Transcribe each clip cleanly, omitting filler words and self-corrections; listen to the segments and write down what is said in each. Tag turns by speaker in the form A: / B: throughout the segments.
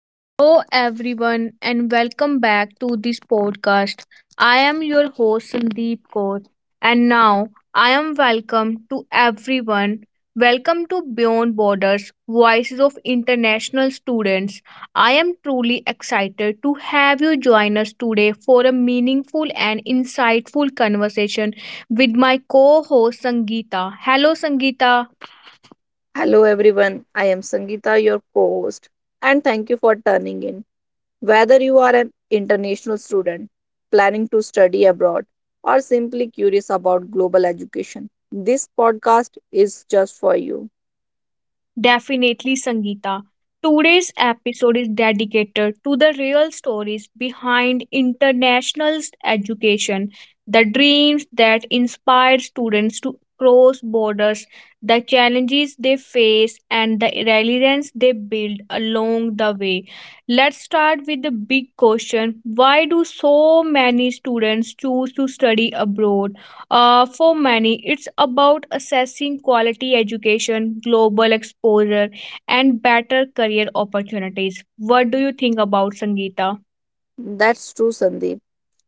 A: Hello, everyone, and welcome back to this podcast. I am your host, Sandeep Kaur, and now I am welcome to everyone. Welcome to Beyond Borders, Voices of International Students. I am truly excited to have you join us today for a meaningful and insightful conversation with my co host, Sangeeta. Hello, Sangeeta.
B: Hello everyone, I am Sangeeta, your co host, and thank you for turning in. Whether you are an international student planning to study abroad or simply curious about global education, this podcast is just for you.
A: Definitely, Sangeeta. Today's episode is dedicated to the real stories behind international education, the dreams that inspire students to cross borders, the challenges they face, and the resilience they build along the way. Let's start with the big question: why do so many students choose to study abroad? For many, it's about assessing quality education, global exposure, and better career opportunities. What do you think about Sangeeta?
B: That's true, Sandeep.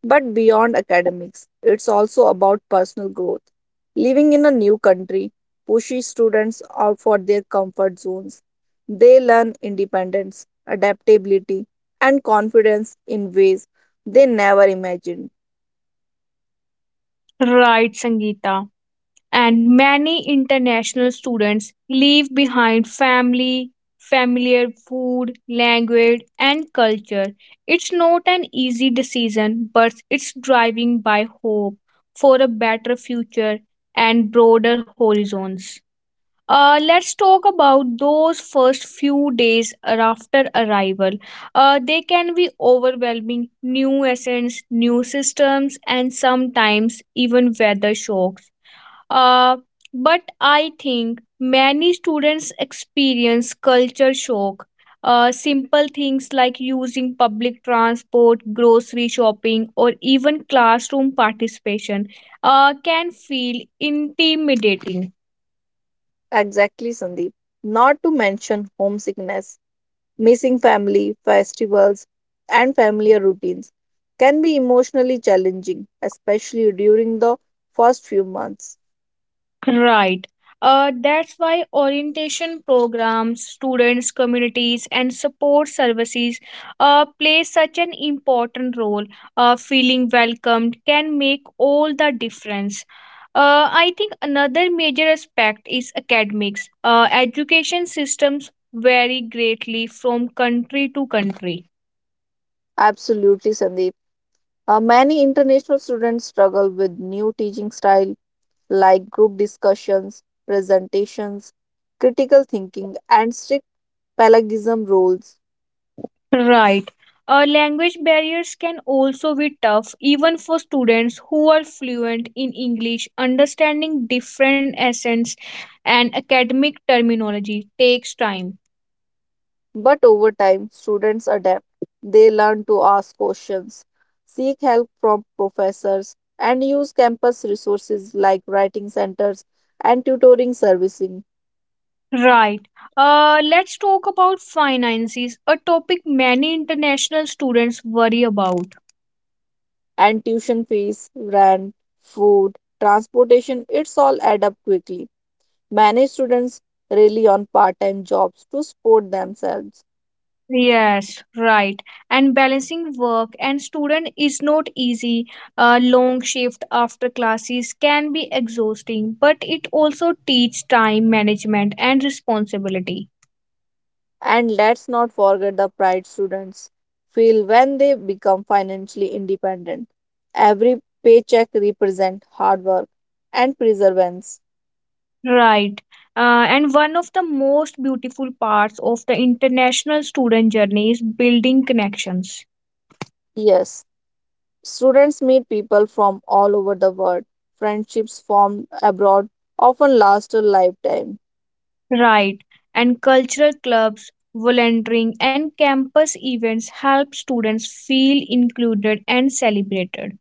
B: But beyond academics, it's also about personal growth. Living in a new country pushes students out for their comfort zones. They learn independence, adaptability, and confidence in ways they never imagined.
A: Right, Sangeeta. And many international students leave behind family, familiar food, language, and culture. It's not an easy decision, but it's driving by hope for a better future and broader horizons. Let's talk about those first few days after arrival. They can be overwhelming, new essence, new systems, and sometimes even weather shocks. Uh, but I think many students experience culture shock. Simple things like using public transport, grocery shopping, or even classroom participation can feel intimidating.
B: Exactly, Sandeep. Not to mention homesickness, missing family, festivals, and familiar routines can be emotionally challenging, especially during the first few months.
A: Right. That's why orientation programs, students, communities, and support services play such an important role. Feeling welcomed can make all the difference. I think another major aspect is academics. Education systems vary greatly from country to country.
B: Absolutely, Sandeep. Many international students struggle with new teaching style like group discussions, presentations, critical thinking, and strict pelagism rules.
A: Right. Language barriers can also be tough, even for students who are fluent in English. Understanding different accents and academic terminology takes time.
B: But over time, students adapt. They learn to ask questions, seek help from professors, and use campus resources like writing centers and tutoring servicing
A: Right. Let's talk about finances, a topic many international students worry about.
B: and tuition fees, rent, food, transportation. It's all add up quickly. Many students rely on part time jobs to support themselves.
A: Yes, right. And balancing work and student is not easy. A long shift after classes can be exhausting, but it also teaches time management and responsibility.
B: And let's not forget the pride students feel when they become financially independent. Every paycheck represents hard work and perseverance.
A: Right. And one of the most beautiful parts of the international student journey is building connections.
B: Yes, students meet people from all over the world. Friendships formed abroad often last a lifetime.
A: Right. And cultural clubs, volunteering, and campus events help students feel included and celebrated.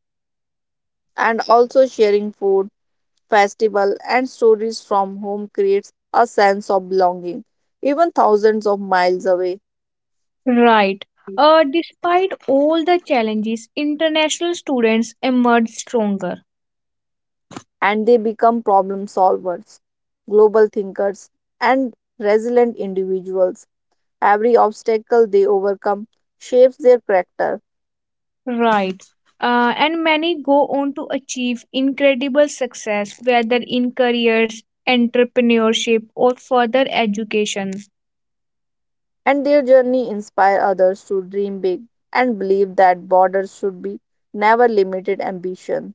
B: And also sharing food, festival, and stories from home creates a sense of belonging, even thousands of miles away,
A: Right. Despite all the challenges, international students emerge stronger.
B: and they become problem solvers, global thinkers, and resilient individuals. Every obstacle they overcome shapes their character,
A: Right. And many go on to achieve incredible success, whether in careers, entrepreneurship, or further education.
B: and their journey inspire others to dream big and believe that borders should be never limited ambition.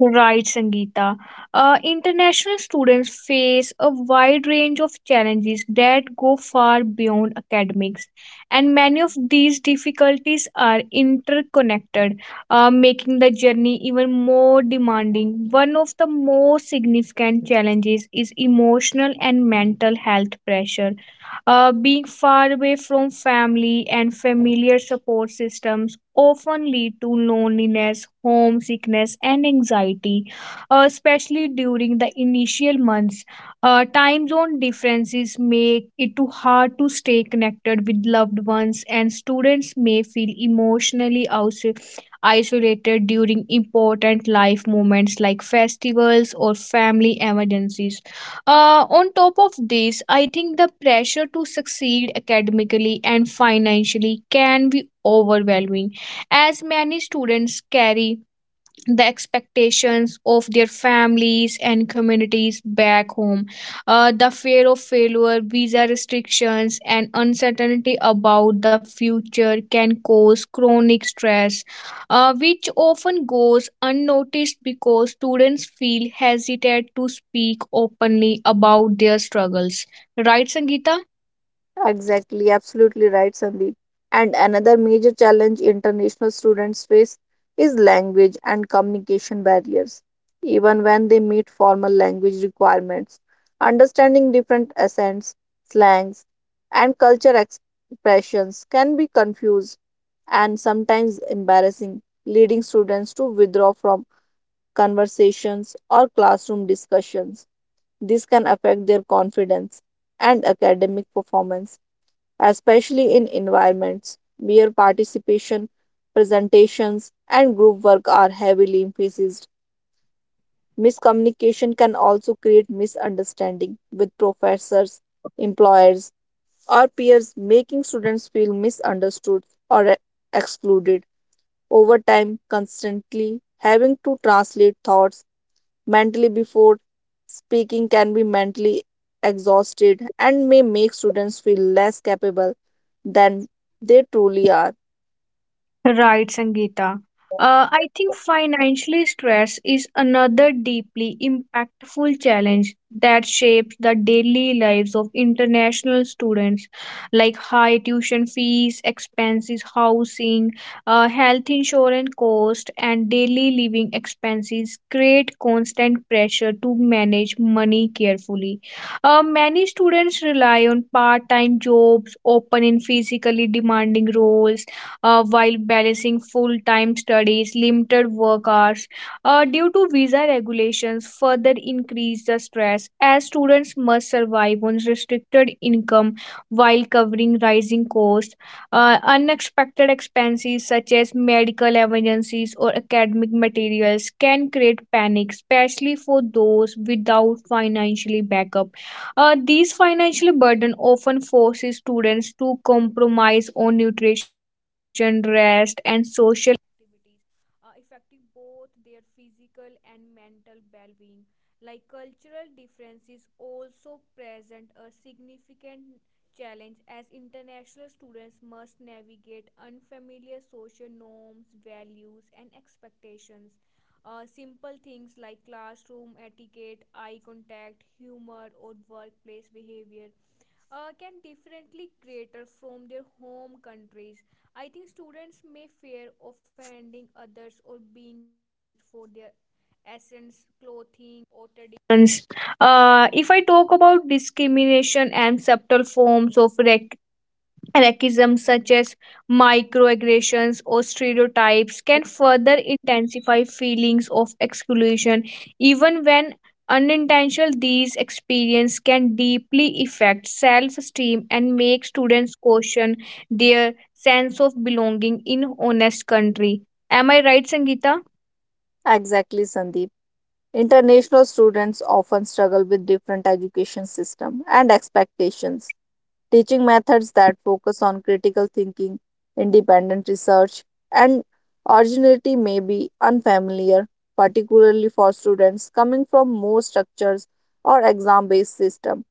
A: Right, Sangeeta. International students face a wide range of challenges that go far beyond academics, and many of these difficulties are interconnected, making the journey even more demanding. One of the most significant challenges is emotional and mental health pressure. Uh, being far away from family and familiar support systems often lead to loneliness, homesickness, and anxiety, especially during the initial months. Time zone differences make it too hard to stay connected with loved ones, and students may feel emotionally isolated during important life moments like festivals or family emergencies. On top of this, I think the pressure to succeed academically and financially can be overwhelming, as many students carry the expectations of their families and communities back home. The fear of failure, visa restrictions, and uncertainty about the future can cause chronic stress, which often goes unnoticed because students feel hesitant to speak openly about their struggles. Right, Sangeeta?
B: Exactly, absolutely right, Sandeep. And another major challenge international students face is language and communication barriers. Even when they meet formal language requirements, understanding different accents, slangs, and expressions can be confused and sometimes embarrassing, leading students to withdraw from conversations or classroom discussions. This can affect their confidence and academic performance especially in environments where participation, presentations, and group work are heavily emphasized. Miscommunication can also create misunderstanding with professors, employers, or peers, making students feel misunderstood or excluded. Over time, constantly having to translate thoughts mentally before speaking can be mentally exhausted and may make students feel less capable than they truly are.
A: Right, Sangeeta. I think financially stress is another deeply impactful challenge that shapes the daily lives of international students, like high tuition fees, expenses, housing, health insurance cost, and daily living expenses create constant pressure to manage money carefully. Many students rely on part-time jobs, often in physically demanding roles, while balancing full time studies. Limited work hours, due to visa regulations, further increase the stress as students must survive on restricted income while covering rising costs. Unexpected expenses such as medical emergencies or academic materials can create panic, especially for those without financially backup. These financial burden often forces students to compromise on nutrition, rest, and social discrimination. And subtle forms of racism such as microaggressions or stereotypes can further intensify feelings of exclusion, even when unintentional. These experiences can deeply affect self-esteem and make students question their sense of belonging in honest country. Am I right, Sangeeta?
B: Exactly, Sandeep. International students often struggle with different education system and expectations. Teaching methods that focus on critical thinking, independent research, and originality may be unfamiliar, particularly for students coming from more structures or exam-based system.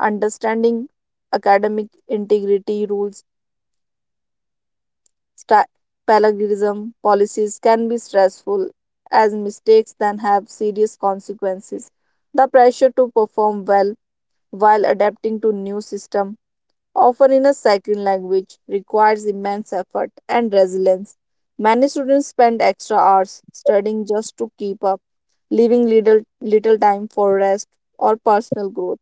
B: Understanding academic integrity rules, sta- plagiarism policies can be stressful as mistakes can have serious consequences. The pressure to perform well while adapting to new system, often in a second language, requires immense effort and resilience. Many students spend extra hours studying just to keep up, leaving little time for rest or personal growth.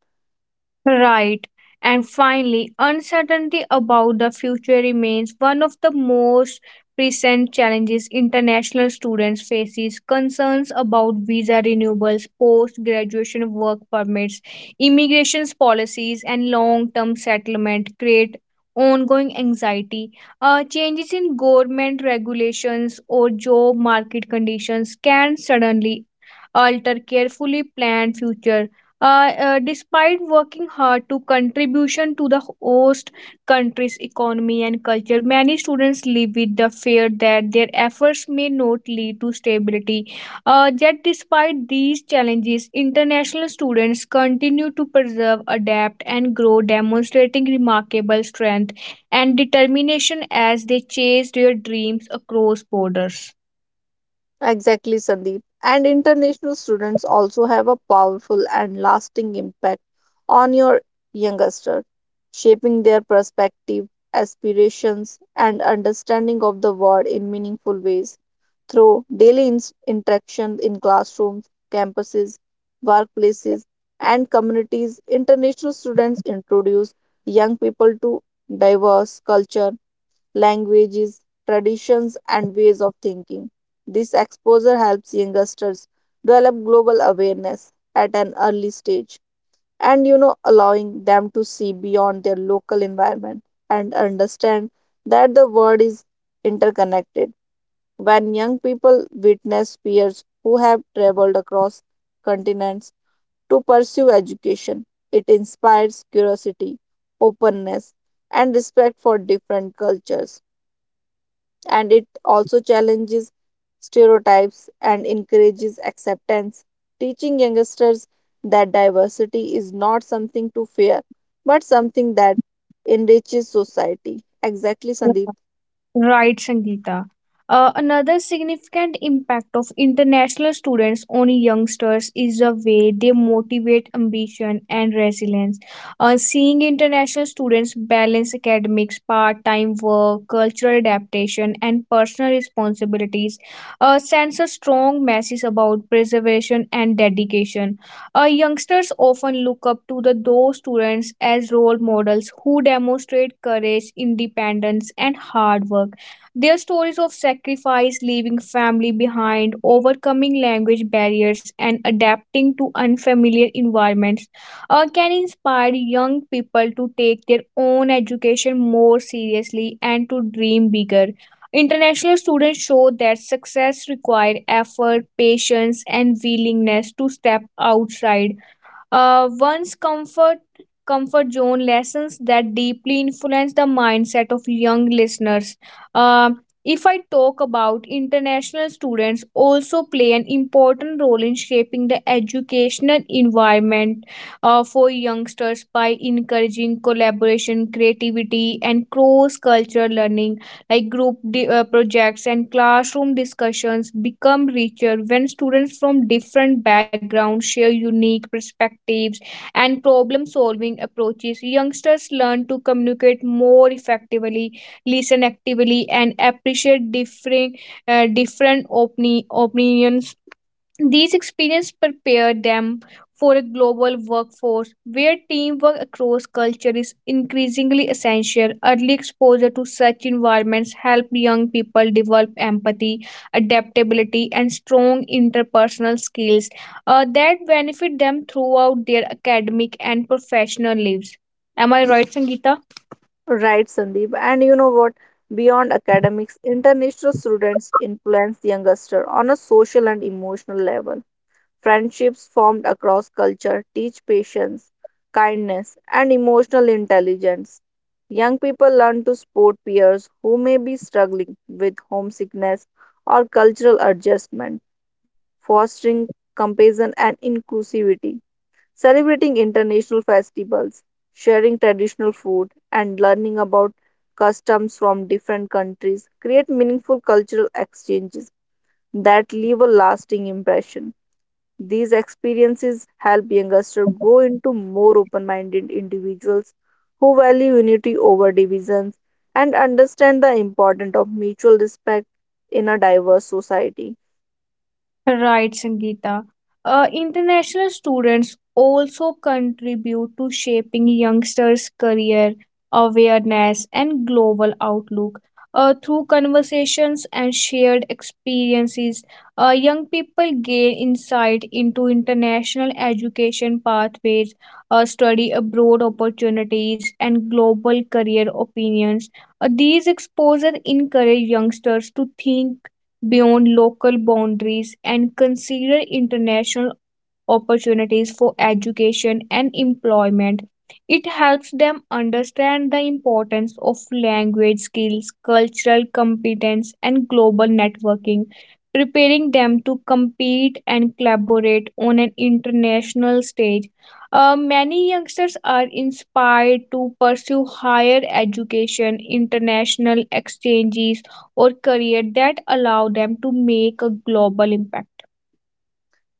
A: Right. And finally, uncertainty about the future remains one of the most present challenges international students faces. Concerns about visa renewals, post graduation work permits, immigration policies, and long term settlement create ongoing anxiety. Uh, changes in government regulations or job market conditions can suddenly alter carefully planned future. Despite working hard to contribution to the host country's economy and culture, many students live with the fear that their efforts may not lead to stability. Yet, despite these challenges, international students continue to preserve, adapt, and grow, demonstrating remarkable strength and determination as they chase their dreams across borders.
B: Exactly, Sandeep. And international students also have a powerful and lasting impact on your youngster, shaping their perspective, aspirations, and understanding of the world in meaningful ways through interaction in classrooms, campuses, workplaces, and communities. International students introduce young people to diverse culture languages, traditions, and ways of thinking. This exposure helps youngsters develop global awareness at an early stage and you know allowing them to see beyond their local environment and understand that the world is interconnected. When young people witness peers who have traveled across continents to pursue education, it inspires curiosity, openness, and respect for different cultures and it also challenges stereotypes and encourages acceptance, teaching youngsters that diversity is not something to fear but something that enriches society. Exactly, Sandeep.
A: Right, Sangeeta. Another significant impact of international students on youngsters is the way they motivate ambition and resilience. Seeing international students balance academics, part time work, cultural adaptation, and personal responsibilities sends a strong message about preservation and dedication. Youngsters often look up to those students as role models who demonstrate courage, independence, and hard work. Their stories of sacrifice, leaving family behind, overcoming language barriers, and adapting to unfamiliar environments can inspire young people to take their own education more seriously and to dream bigger. International students show that success requires effort, patience, and willingness to step outside one's comfort zone. Lessons that deeply influence the mindset of young listeners. Uh, if I talk about international students, also play an important role in shaping the educational environment for youngsters by encouraging collaboration, creativity, and cross-cultural learning, like projects and classroom discussions become richer when students from different backgrounds share unique perspectives and problem solving approaches. Youngsters learn to communicate more effectively, listen actively, and appreciate different opinions. These experiences prepare them for a global workforce where teamwork across culture is increasingly essential. Early exposure to such environments help young people develop empathy, adaptability, and strong interpersonal skills that benefit them throughout their academic and professional lives. Am I right, Sangeeta?
B: Right, Sandeep. And you know what? Beyond academics, international students influence youngster on a social and emotional level. Friendships formed across culture teach patience, kindness, and emotional intelligence. Young people learn to support peers who may be struggling with homesickness or cultural adjustment, fostering compassion and inclusivity. Celebrating international festivals, sharing traditional food, and learning about customs from different countries create meaningful cultural exchanges that leave a lasting impression. These experiences help youngsters grow into more open minded individuals who value unity over divisions and understand the importance of mutual respect in a diverse society.
A: Right, Sangeeta. International students also contribute to shaping youngsters' career awareness and global outlook. Through conversations and shared experiences, young people gain insight into international education pathways, study abroad opportunities, and global career opinions. These exposure encourage youngsters to think beyond local boundaries and consider international opportunities for education and employment. It helps them understand the importance of language skills, cultural competence, and global networking, preparing them to compete and collaborate on an international stage. Many youngsters are inspired to pursue higher education, international exchanges, or career that allow them to make a global impact.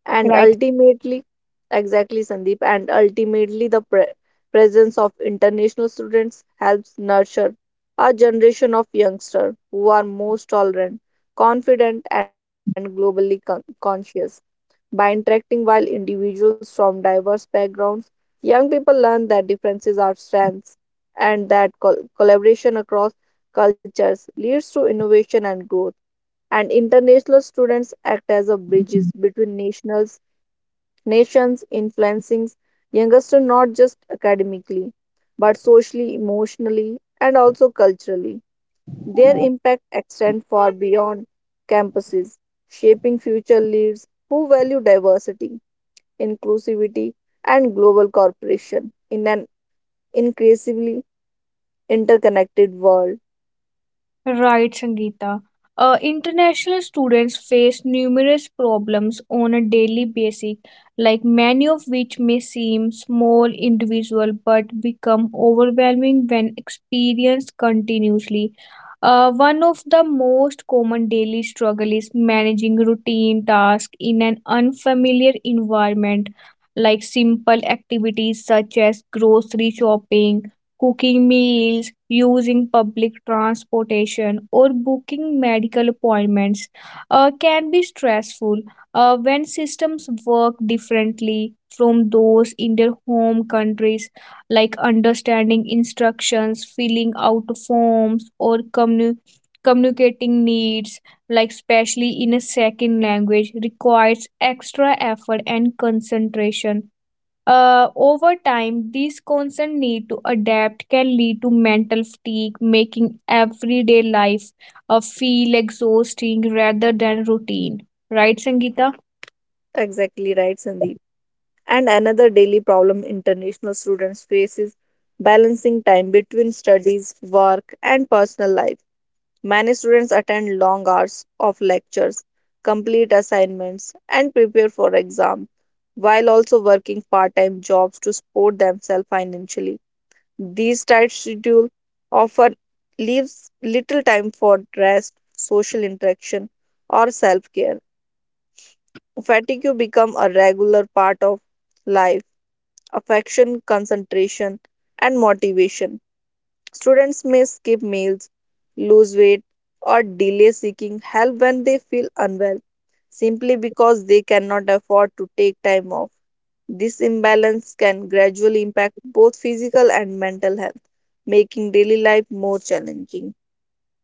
B: And
A: Right,
B: ultimately, exactly, Sandeep, and ultimately, the presence of international students helps nurture a generation of youngsters who are most tolerant, confident, and globally conscious. By interacting while individuals from diverse backgrounds, young people learn that differences are strengths and that collaboration across cultures leads to innovation and growth. And international students act as a bridges between nations, influencing youngsters not just academically, but socially, emotionally, and also culturally. Their impact extends far beyond campuses, shaping future leaders who value diversity, inclusivity, and global cooperation in an increasingly interconnected world.
A: Right, Sangeeta. International students face numerous problems on a daily basis, like many of which may seem small individual but become overwhelming when experienced continuously. One of the most common daily struggle is managing routine tasks in an unfamiliar environment, like simple activities such as grocery shopping, cooking meals, using public transportation, or booking medical appointments can be stressful when systems work differently from those in their home countries, like understanding instructions, filling out forms, or communicating needs, like especially in a second language, requires extra effort and concentration. Over time, this constant need to adapt can lead to mental fatigue, making everyday life feel exhausting rather than routine. Right, Sangeeta?
B: Exactly right, Sandeep. And another daily problem international students face is balancing time between studies, work, and personal life. Many students attend long hours of lectures, complete assignments, and prepare for exams, while also working part-time jobs to support themselves financially. These tight schedules often leaves little time for rest, social interaction, or self-care. Fatigue becomes a regular part of life, affection, concentration, and motivation. Students may skip meals, lose weight, or delay seeking help when they feel unwell simply because they cannot afford to take time off. This imbalance can gradually impact both physical and mental health, making daily life more challenging.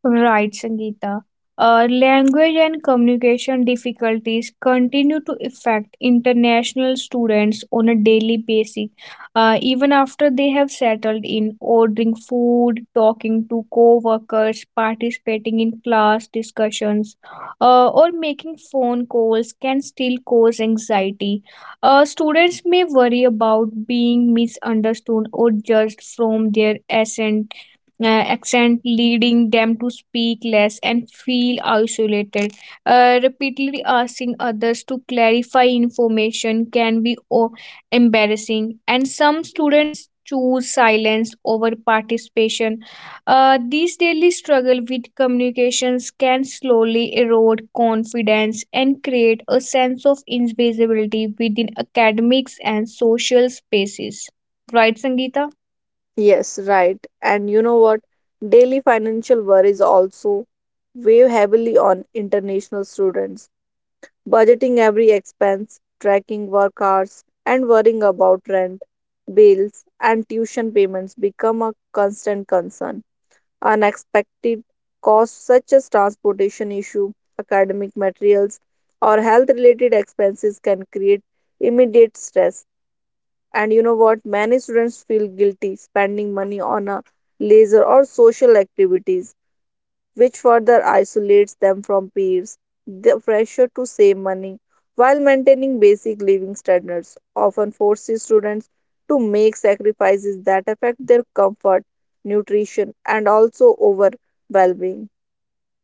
A: Right, Sangeeta. Language and communication difficulties continue to affect international students on a daily basis, even after they have settled in. Ordering food, talking to co workers, participating in class discussions, or making phone calls can still cause anxiety. Students may worry about being misunderstood or judged from their uh, accent, leading them to speak less and feel isolated. Repeatedly asking others to clarify information can be embarrassing, and some students choose silence over participation. These daily struggle with communications can slowly erode confidence and create a sense of invisibility within academics and social spaces. Right, Sangeeta?
B: Yes, right. And you know what? Daily financial worries also weigh heavily on international students budgeting every expense, tracking work hours, and worrying about rent, bills, and tuition payments become a constant concern. Unexpected costs such as transportation issue, academic materials, or health related expenses can create immediate stress. And you know what? Many students feel guilty spending money on a leisure or social activities which further isolates them from peers, the pressure to save money while maintaining basic living standards often forces students to make sacrifices that affect their comfort, nutrition, and also over well being.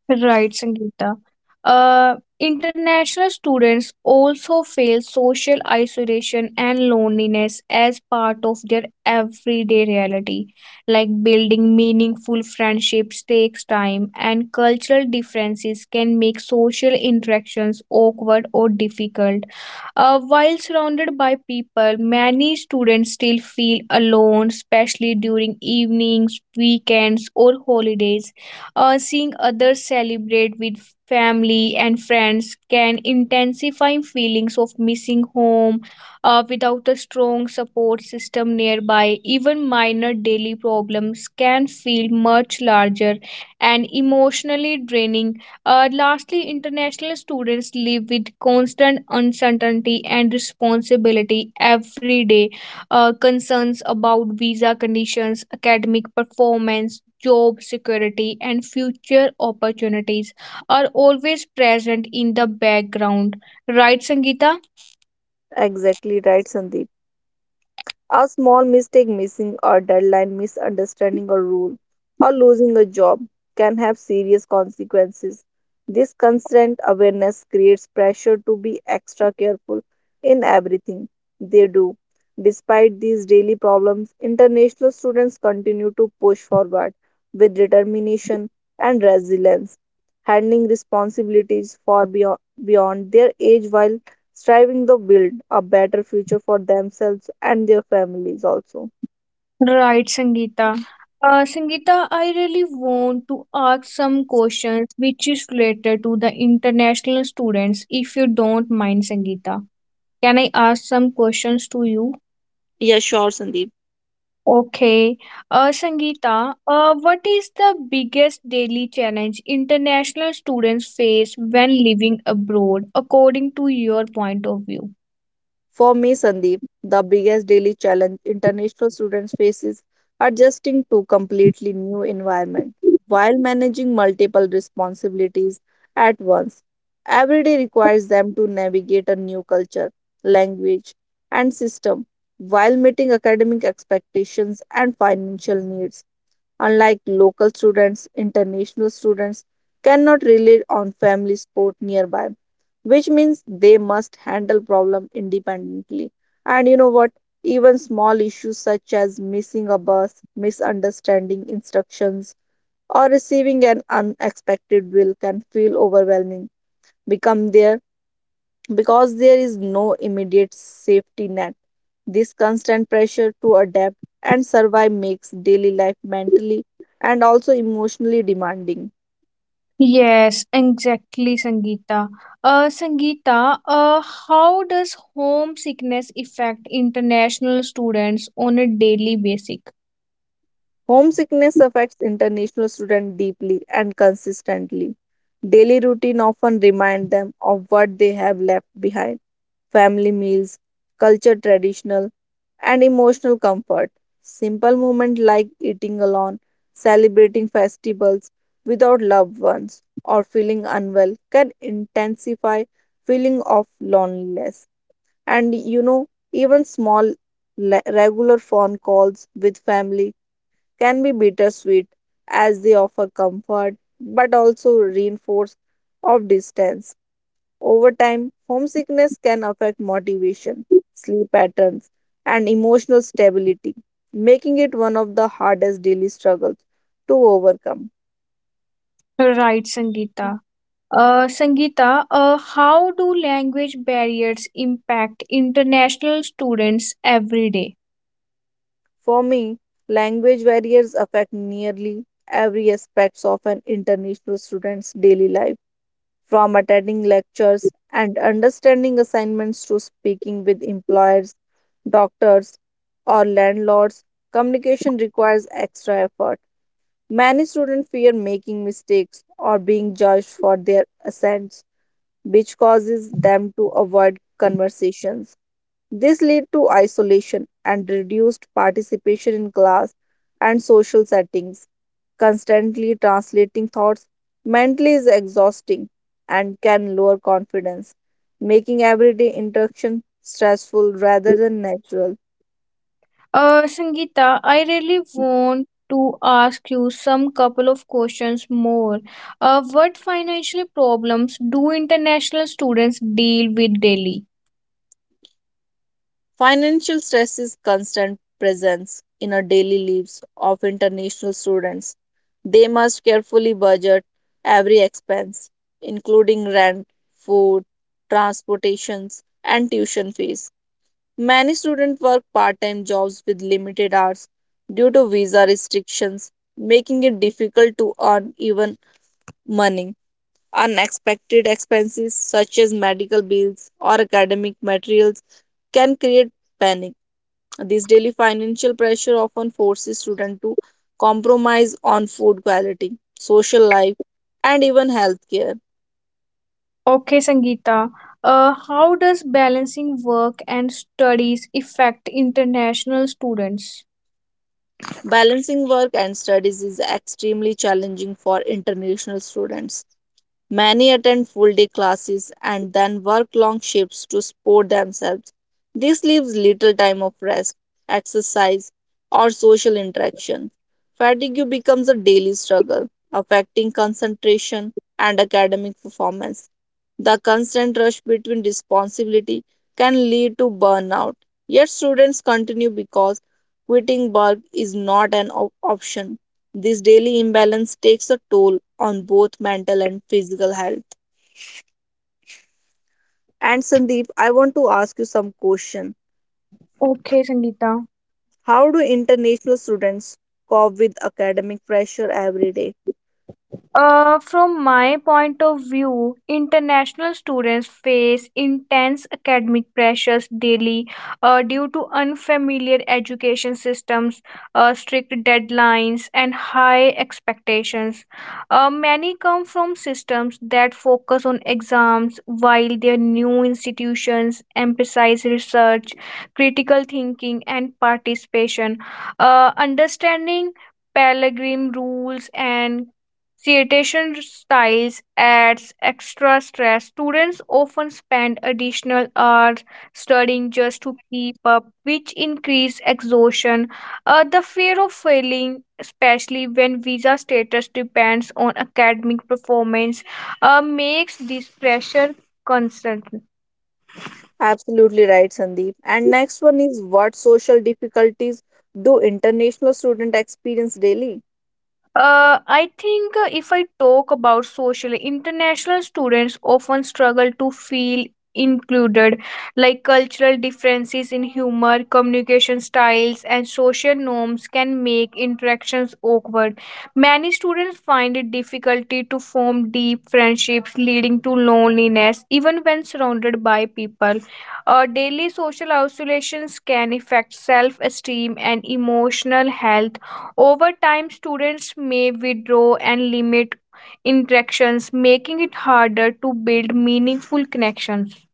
A: Right, Sangeeta. International students also feel social isolation and loneliness as part of their everyday reality. Like building meaningful friendships takes time, and cultural differences can make social interactions awkward or difficult. While surrounded by people, many students still feel alone, especially during evenings, weekends, or holidays. Uh, seeing others celebrate with family and friends can intensify feelings of missing home without a strong support system nearby. Even minor daily problems can feel much larger and emotionally draining. Lastly, international students live with constant uncertainty and responsibility every day. Uh, concerns about visa conditions, academic performance, job security, and future opportunities are always present in the background. Right, Sangeeta?
B: Exactly right, Sandeep. A small mistake missing a deadline, misunderstanding a rule, or losing a job can have serious consequences. This constant awareness creates pressure to be extra careful in everything they do. Despite these daily problems, international students continue to push forward with determination and resilience, handling responsibilities beyond their age while striving to build a better future for themselves and their families also.
A: Right, Sangeeta. Sangeeta, I really want to ask some questions which is related to the international students, if you don't mind, Sangeeta. Can I ask some questions to you?
B: Yeah, sure, Sandeep.
A: Okay. Sangeeta, what is the biggest daily challenge international students face when living abroad, according to your point of view?
B: For me, Sandeep, the biggest daily challenge international students face is adjusting to completely new environment while managing multiple responsibilities at once. Every day requires them to navigate a new culture, language, and system while meeting academic expectations and financial needs. Unlike local students, international students cannot rely on family support nearby, which means they must handle problem independently. And you know what? Even small issues such as missing a bus, misunderstanding instructions, or receiving an unexpected bill can feel overwhelming, become their because there is no immediate safety net, this constant pressure to adapt and survive makes daily life mentally and also emotionally demanding.
A: Yes, exactly, Sangeeta. Sangeeta, how does homesickness affect international students on a daily basis?
B: Homesickness affects international students deeply and consistently. Daily routine often remind them of what they have left behind family meals, culture traditional and emotional comfort. Simple moments like eating alone, celebrating festivals without loved ones, or feeling unwell can intensify feeling of loneliness. And you know, even regular phone calls with family can be bittersweet as they offer comfort but also reinforce of distance over time, homesickness can affect motivation, sleep patterns, and emotional stability, making it one of the hardest daily struggles to overcome.
A: Right, Sangeeta. Sangeeta, how do language barriers impact international students every day?
B: For me, language barriers affect nearly every aspect of an international student's daily life, from attending lectures and understanding assignments to speaking with employers, doctors, or landlords. Communication requires extra effort. Many students fear making mistakes or being judged for their accents, which causes them to avoid conversations. This leads to isolation and reduced participation in class and social settings. Constantly translating thoughts mentally is exhausting and can lower confidence, making everyday interaction stressful rather than natural.
A: Sangeeta, I really want to ask you some couple of questions more. What financial problems do international students deal with daily?
B: Financial stress is constant presence in our daily lives of international students. They must carefully budget every expense, including rent, food, transportations, and tuition fees. Many students work part-time jobs with limited hours due to visa restrictions, making it difficult to earn even money. Unexpected expenses such as medical bills or academic materials can create panic this daily financial pressure often forces students to compromise on food quality, social life, and even healthcare.
A: Okay, Sangeeta. How does balancing work and studies affect international students?
B: Balancing work and studies is extremely challenging for international students. Many attend full day classes and then work long shifts to support themselves. This leaves little time of rest, exercise, or social interaction. Fatigue becomes a daily struggle, affecting concentration and academic performance. The constant rush between responsibility can lead to burnout. Yet students continue because quitting work is not an option this daily imbalance takes a toll on both mental and physical health. And Sandeep, I want to ask you some question.
A: Okay, Sangeeta.
B: How do international students cope with academic pressure every day?
A: From my point of view, international students face intense academic pressures daily due to unfamiliar education systems, strict deadlines, and high expectations. Many come from systems that focus on exams, while their new institutions emphasize research, critical thinking, and participation. Understanding Pellegrim rules and citation styles adds extra stress. Students often spend additional hours studying just to keep up, which increase exhaustion. The fear of failing, especially when visa status depends on academic performance, makes this pressure constant.
B: Absolutely right, Sandeep. And next one is what social difficulties do international students experience daily?
A: I think if I talk about social, international students often struggle to feel included, like cultural differences in humor, communication styles, and social norms can make interactions awkward. Many students find it difficult to form deep friendships, leading to loneliness, even when surrounded by people. Daily social isolations can affect self esteem and emotional health over time, students may withdraw and limit interactions, making it harder to build meaningful connections.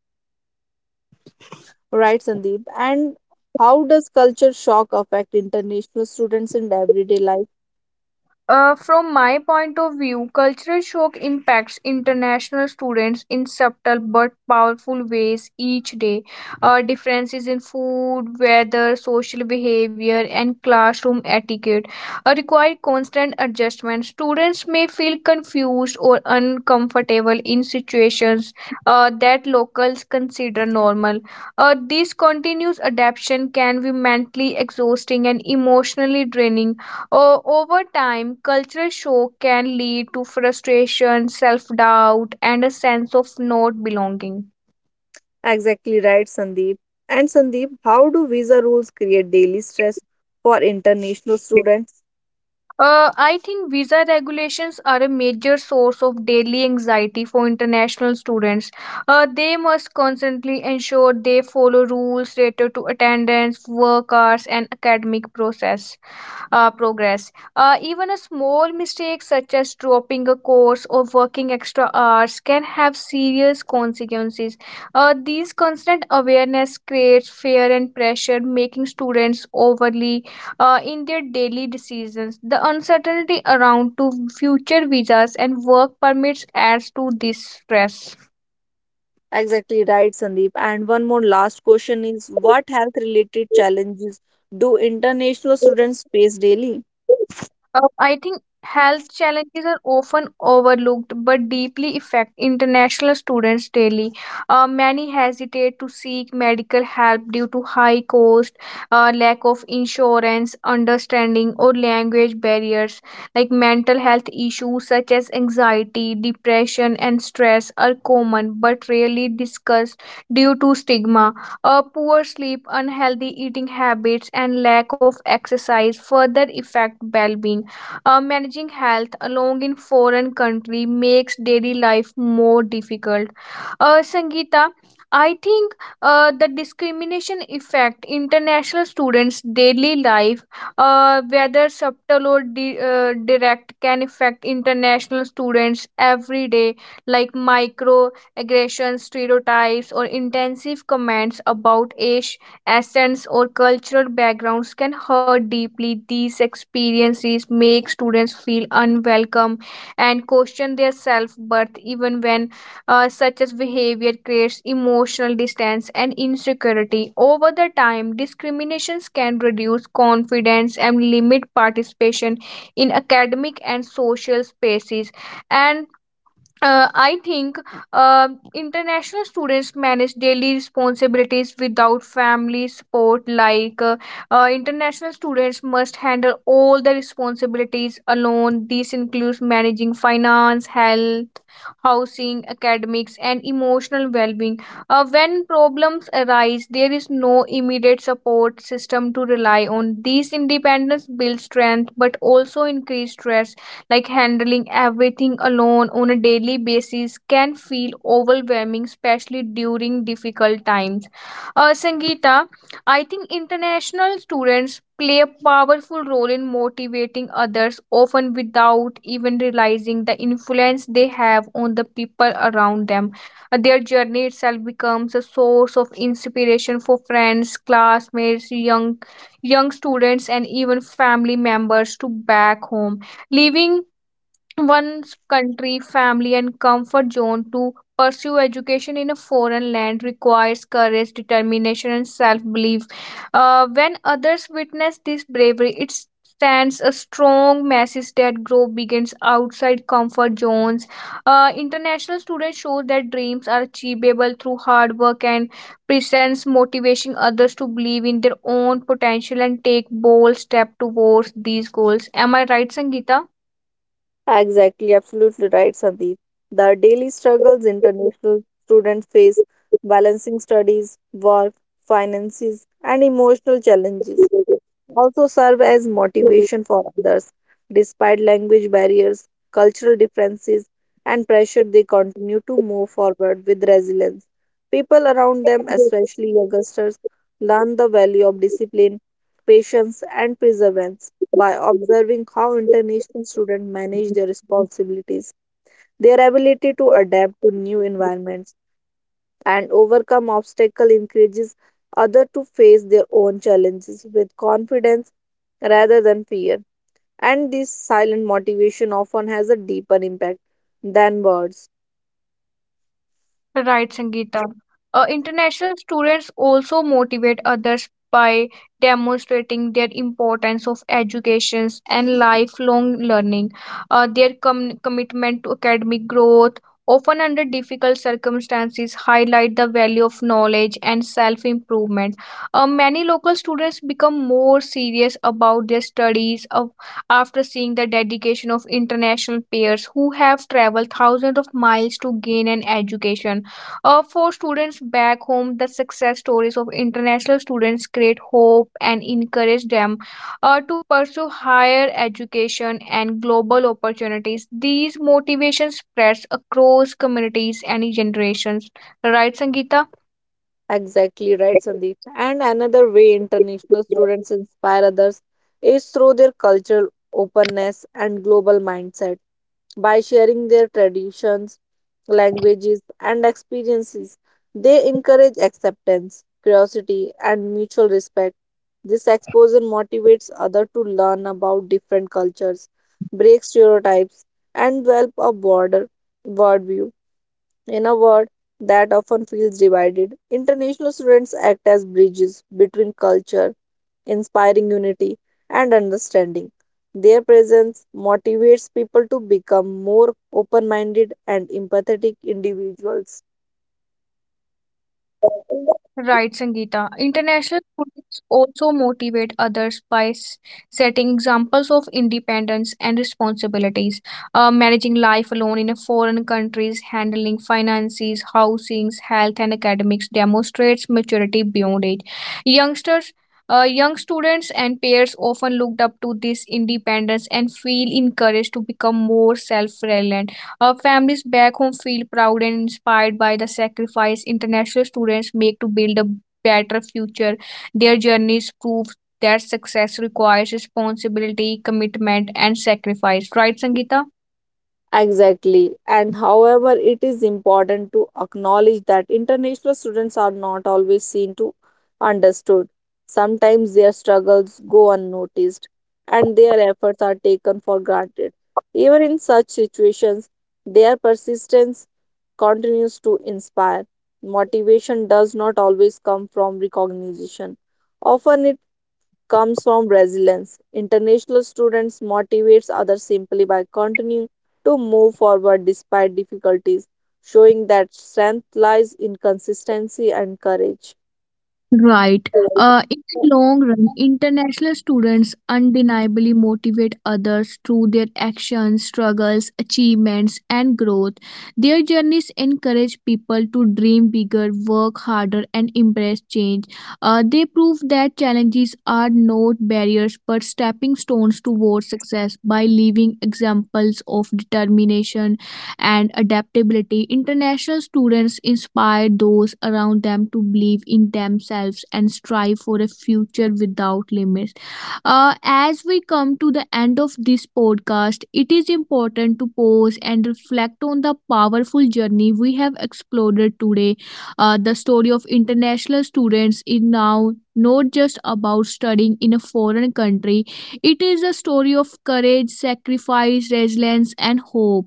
B: Right, Sandeep. And how does culture shock affect international students in everyday life?
A: From my point of view, cultural shock impacts international students in subtle but powerful ways each day. Differences in food, weather, social behavior, and classroom etiquette require constant adjustment. Students may feel confused or uncomfortable in situations that locals consider normal. This continuous adaptation can be mentally exhausting and emotionally draining. Over time, cultural shock can lead to frustration, self doubt, and a sense of not belonging.
B: Exactly right, Sandeep. And Sandeep, how do visa rules create daily stress for international students?
A: I think visa regulations are a major source of daily anxiety for international students. They must constantly ensure they follow rules related to attendance, work hours, and academic process. Progress. Even a small mistake, such as dropping a course or working extra hours, can have serious consequences. These constant awareness creates fear and pressure, making students overly in their daily decisions. The uncertainty around to future visas and work permits adds to this stress.
B: Exactly right, Sandeep. And one more last question is what health related challenges do international students face daily?
A: I think health challenges are often overlooked but deeply affect international students daily. Many hesitate to seek medical help due to high cost, lack of insurance, understanding, or language barriers. Like mental health issues such as anxiety, depression, and stress are common but rarely discussed due to stigma. Poor sleep, unhealthy eating habits, and lack of exercise further affect well being. Managing health along in foreign country makes daily life more difficult. Sangeeta, I think the discrimination effect international students' daily life, whether subtle or direct, can affect international students every day, like micro aggressions, stereotypes, or intensive comments about Asian essence or cultural backgrounds can hurt deeply. These experiences make students feel unwelcome and question their self worth, even when such as behavior creates emotional distance and insecurity. Over the time, discriminations can reduce confidence and limit participation in academic and social spaces and I think uh, international students manage daily responsibilities without family support. Like international students must handle all the responsibilities alone. This includes managing finance, health, housing, academics, and emotional well being. When problems arise, there is no immediate support system to rely on. These independence builds strength but also increase stress, like handling everything alone on a daily basis can feel overwhelming, especially during difficult times. Sangeeta, I think international students play a powerful role in motivating others, often without even realizing the influence they have on the people around them. Their journey itself becomes a source of inspiration for friends, classmates, young students, and even family members to back home, leaving one's country, family, and comfort zone to pursue education in a foreign land requires courage, determination, and self belief. When others witness this bravery, it stands a strong message that growth begins outside comfort zones. International students show that dreams are achievable through hard work and presents motivating others to believe in their own potential and take bold steps towards these goals. Am I right, Sangeeta?
B: Exactly, absolutely right, Sandeep. The daily struggles international students face balancing studies, work, finances, and emotional challenges.
A: Thank
B: Also serve as motivation for others. Despite language barriers, cultural differences, and pressure, they continue to move forward with resilience. People around them,
A: you.
B: especially youngsters, learn the value of discipline, patience, and perseverance by observing how international students manage their responsibilities. Their ability to adapt to new environments and overcome obstacle encourages other to face their own challenges with confidence rather than fear and this silent motivation often has a deeper impact than words.
A: Right, Sangeeta. International students also motivate others by demonstrating their importance of education and lifelong learning. Their commitment to academic growth, often under difficult circumstances, highlight the value of knowledge and self-improvement. Many local students become more serious about their studies of, after seeing the dedication of international peers who have traveled thousands of miles to gain an education. For students back home, the success stories of international students create hope and encourage them to pursue higher education and global opportunities. These motivations spreads across communities and generations. Right, Sangeeta?
B: Exactly right, Sandeep. And another way international students inspire others is through their cultural openness and global mindset. By sharing their traditions, languages, and experiences, they encourage acceptance, curiosity, and mutual respect. This exposure motivates others to learn about different cultures, break stereotypes, and develop a broader worldview. In a world that often feels divided, international students act as bridges between culture, inspiring unity and understanding. Their presence motivates people to become more open minded and empathetic individuals.
A: Right, Sangeeta. International students also motivate others by setting examples of independence and responsibilities, managing life alone in a foreign countries, handling finances, housings, health, and academics demonstrates maturity beyond age. Youngsters. Young students and peers often looked up to this independence and feel encouraged to become more self-reliant our families back home feel proud and inspired by the sacrifice international students make to build a better future. Their journeys prove that success requires responsibility, commitment, and sacrifice. Right, Sangeeta?
B: Exactly. And however, it is important to acknowledge that international students are not always seen to understood. Sometimes their struggles go unnoticed and their efforts are taken for granted. Even in such situations, their persistence continues to inspire. Motivation does not always come from recognition. Often comes from resilience. International students motivates others simply by continuing to move forward despite difficulties, showing that strength lies in consistency and courage.
A: Right. In the long run, international students undeniably motivate others through their actions, struggles, achievements, and growth. Their journeys encourage people to dream bigger, work harder, and embrace change. They prove that challenges are not barriers but stepping stones towards success by leaving examples of determination, and adaptability, international students inspire those around them to believe in themselves and strive for a future without limits. As we come to the end of this podcast, it is important to pause and reflect on the powerful journey we have explored today. The story of international students is now not just about studying in a foreign country, it is a story of courage, sacrifice, resilience, and hope.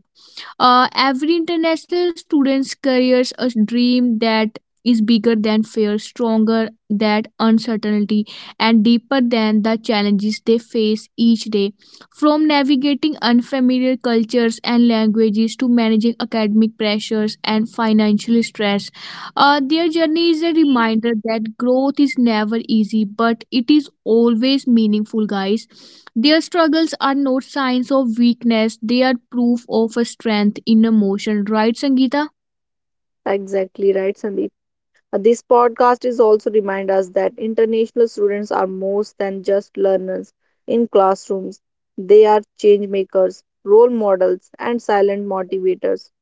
A: Every international student's careers a dream that is bigger than fear, stronger than uncertainty, and deeper than the challenges they face each day. From navigating unfamiliar cultures and languages to managing academic pressures and financial stress, their journey is a reminder that growth is never easy, but it is always meaningful, guys. Their struggles are not signs of weakness, they are proof of a strength in emotion, right, Sangeeta?
B: Exactly right, Sandeep. This podcast is also remind us that international students are more than just learners in classrooms. They are change makers, role models, and silent motivators.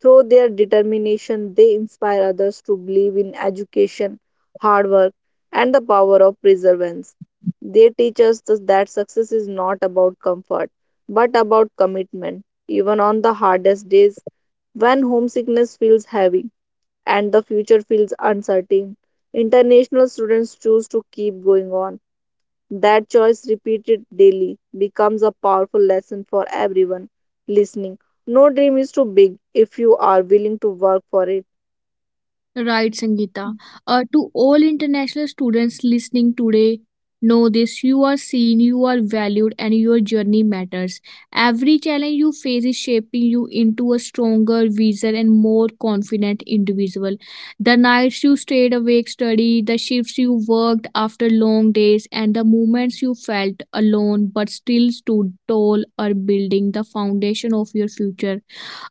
B: Through their determination, they inspire others to believe in education, hard work, and the power of perseverance. They teach us that success is not about comfort, but about commitment. Even on the hardest days, when homesickness feels heavy and the future feels uncertain, international students choose to keep going on that choice repeated daily becomes a powerful lesson for everyone listening. No dream is too big if you are willing to work for it.
A: Right, Sangeeta. To all international students listening today, know this you are seen, you are valued, and your journey matters. Every challenge you face is shaping you into a stronger, wiser, and more confident individual. The nights you stayed awake study, the shifts you worked after long days, and the moments you felt alone but still stood tall are building the foundation of your future.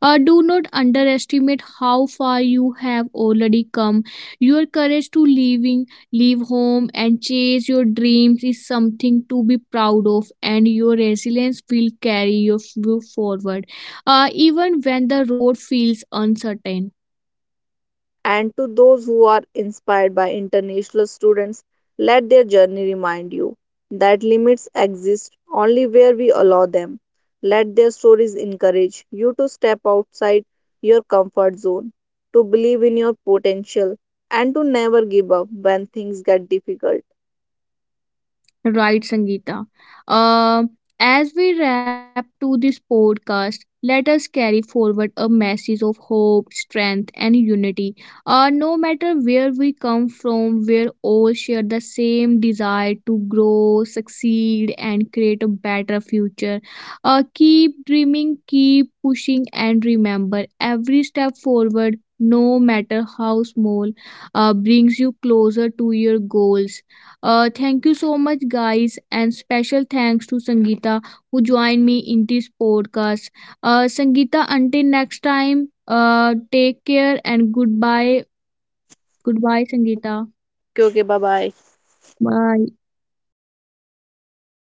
A: Do not underestimate how far you have already come. Your courage to leaving, leave home and chase your dreams is something to be proud of, and your resilience will carry you forward, even when the road feels uncertain.
B: And to those who are inspired by international students, let their journey remind you that limits exist only where we allow them. Let their stories encourage you to step outside your comfort zone, to believe in your potential, and to never give up when things get difficult.
A: Right, Sangeeta. Uh, as we wrap to this podcast, let us carry forward a message of hope, strength, and unity. No matter where we come from, we all share the same desire to grow, succeed, and create a better future. Keep dreaming, keep pushing, and remember every step forward, no matter how small, brings you closer to your goals thank you so much, guys, and special thanks to Sangeeta who joined me in this podcast. Sangeeta, until next time, take care and goodbye. Goodbye, Sangeeta.
B: Okay, bye bye.
A: Bye.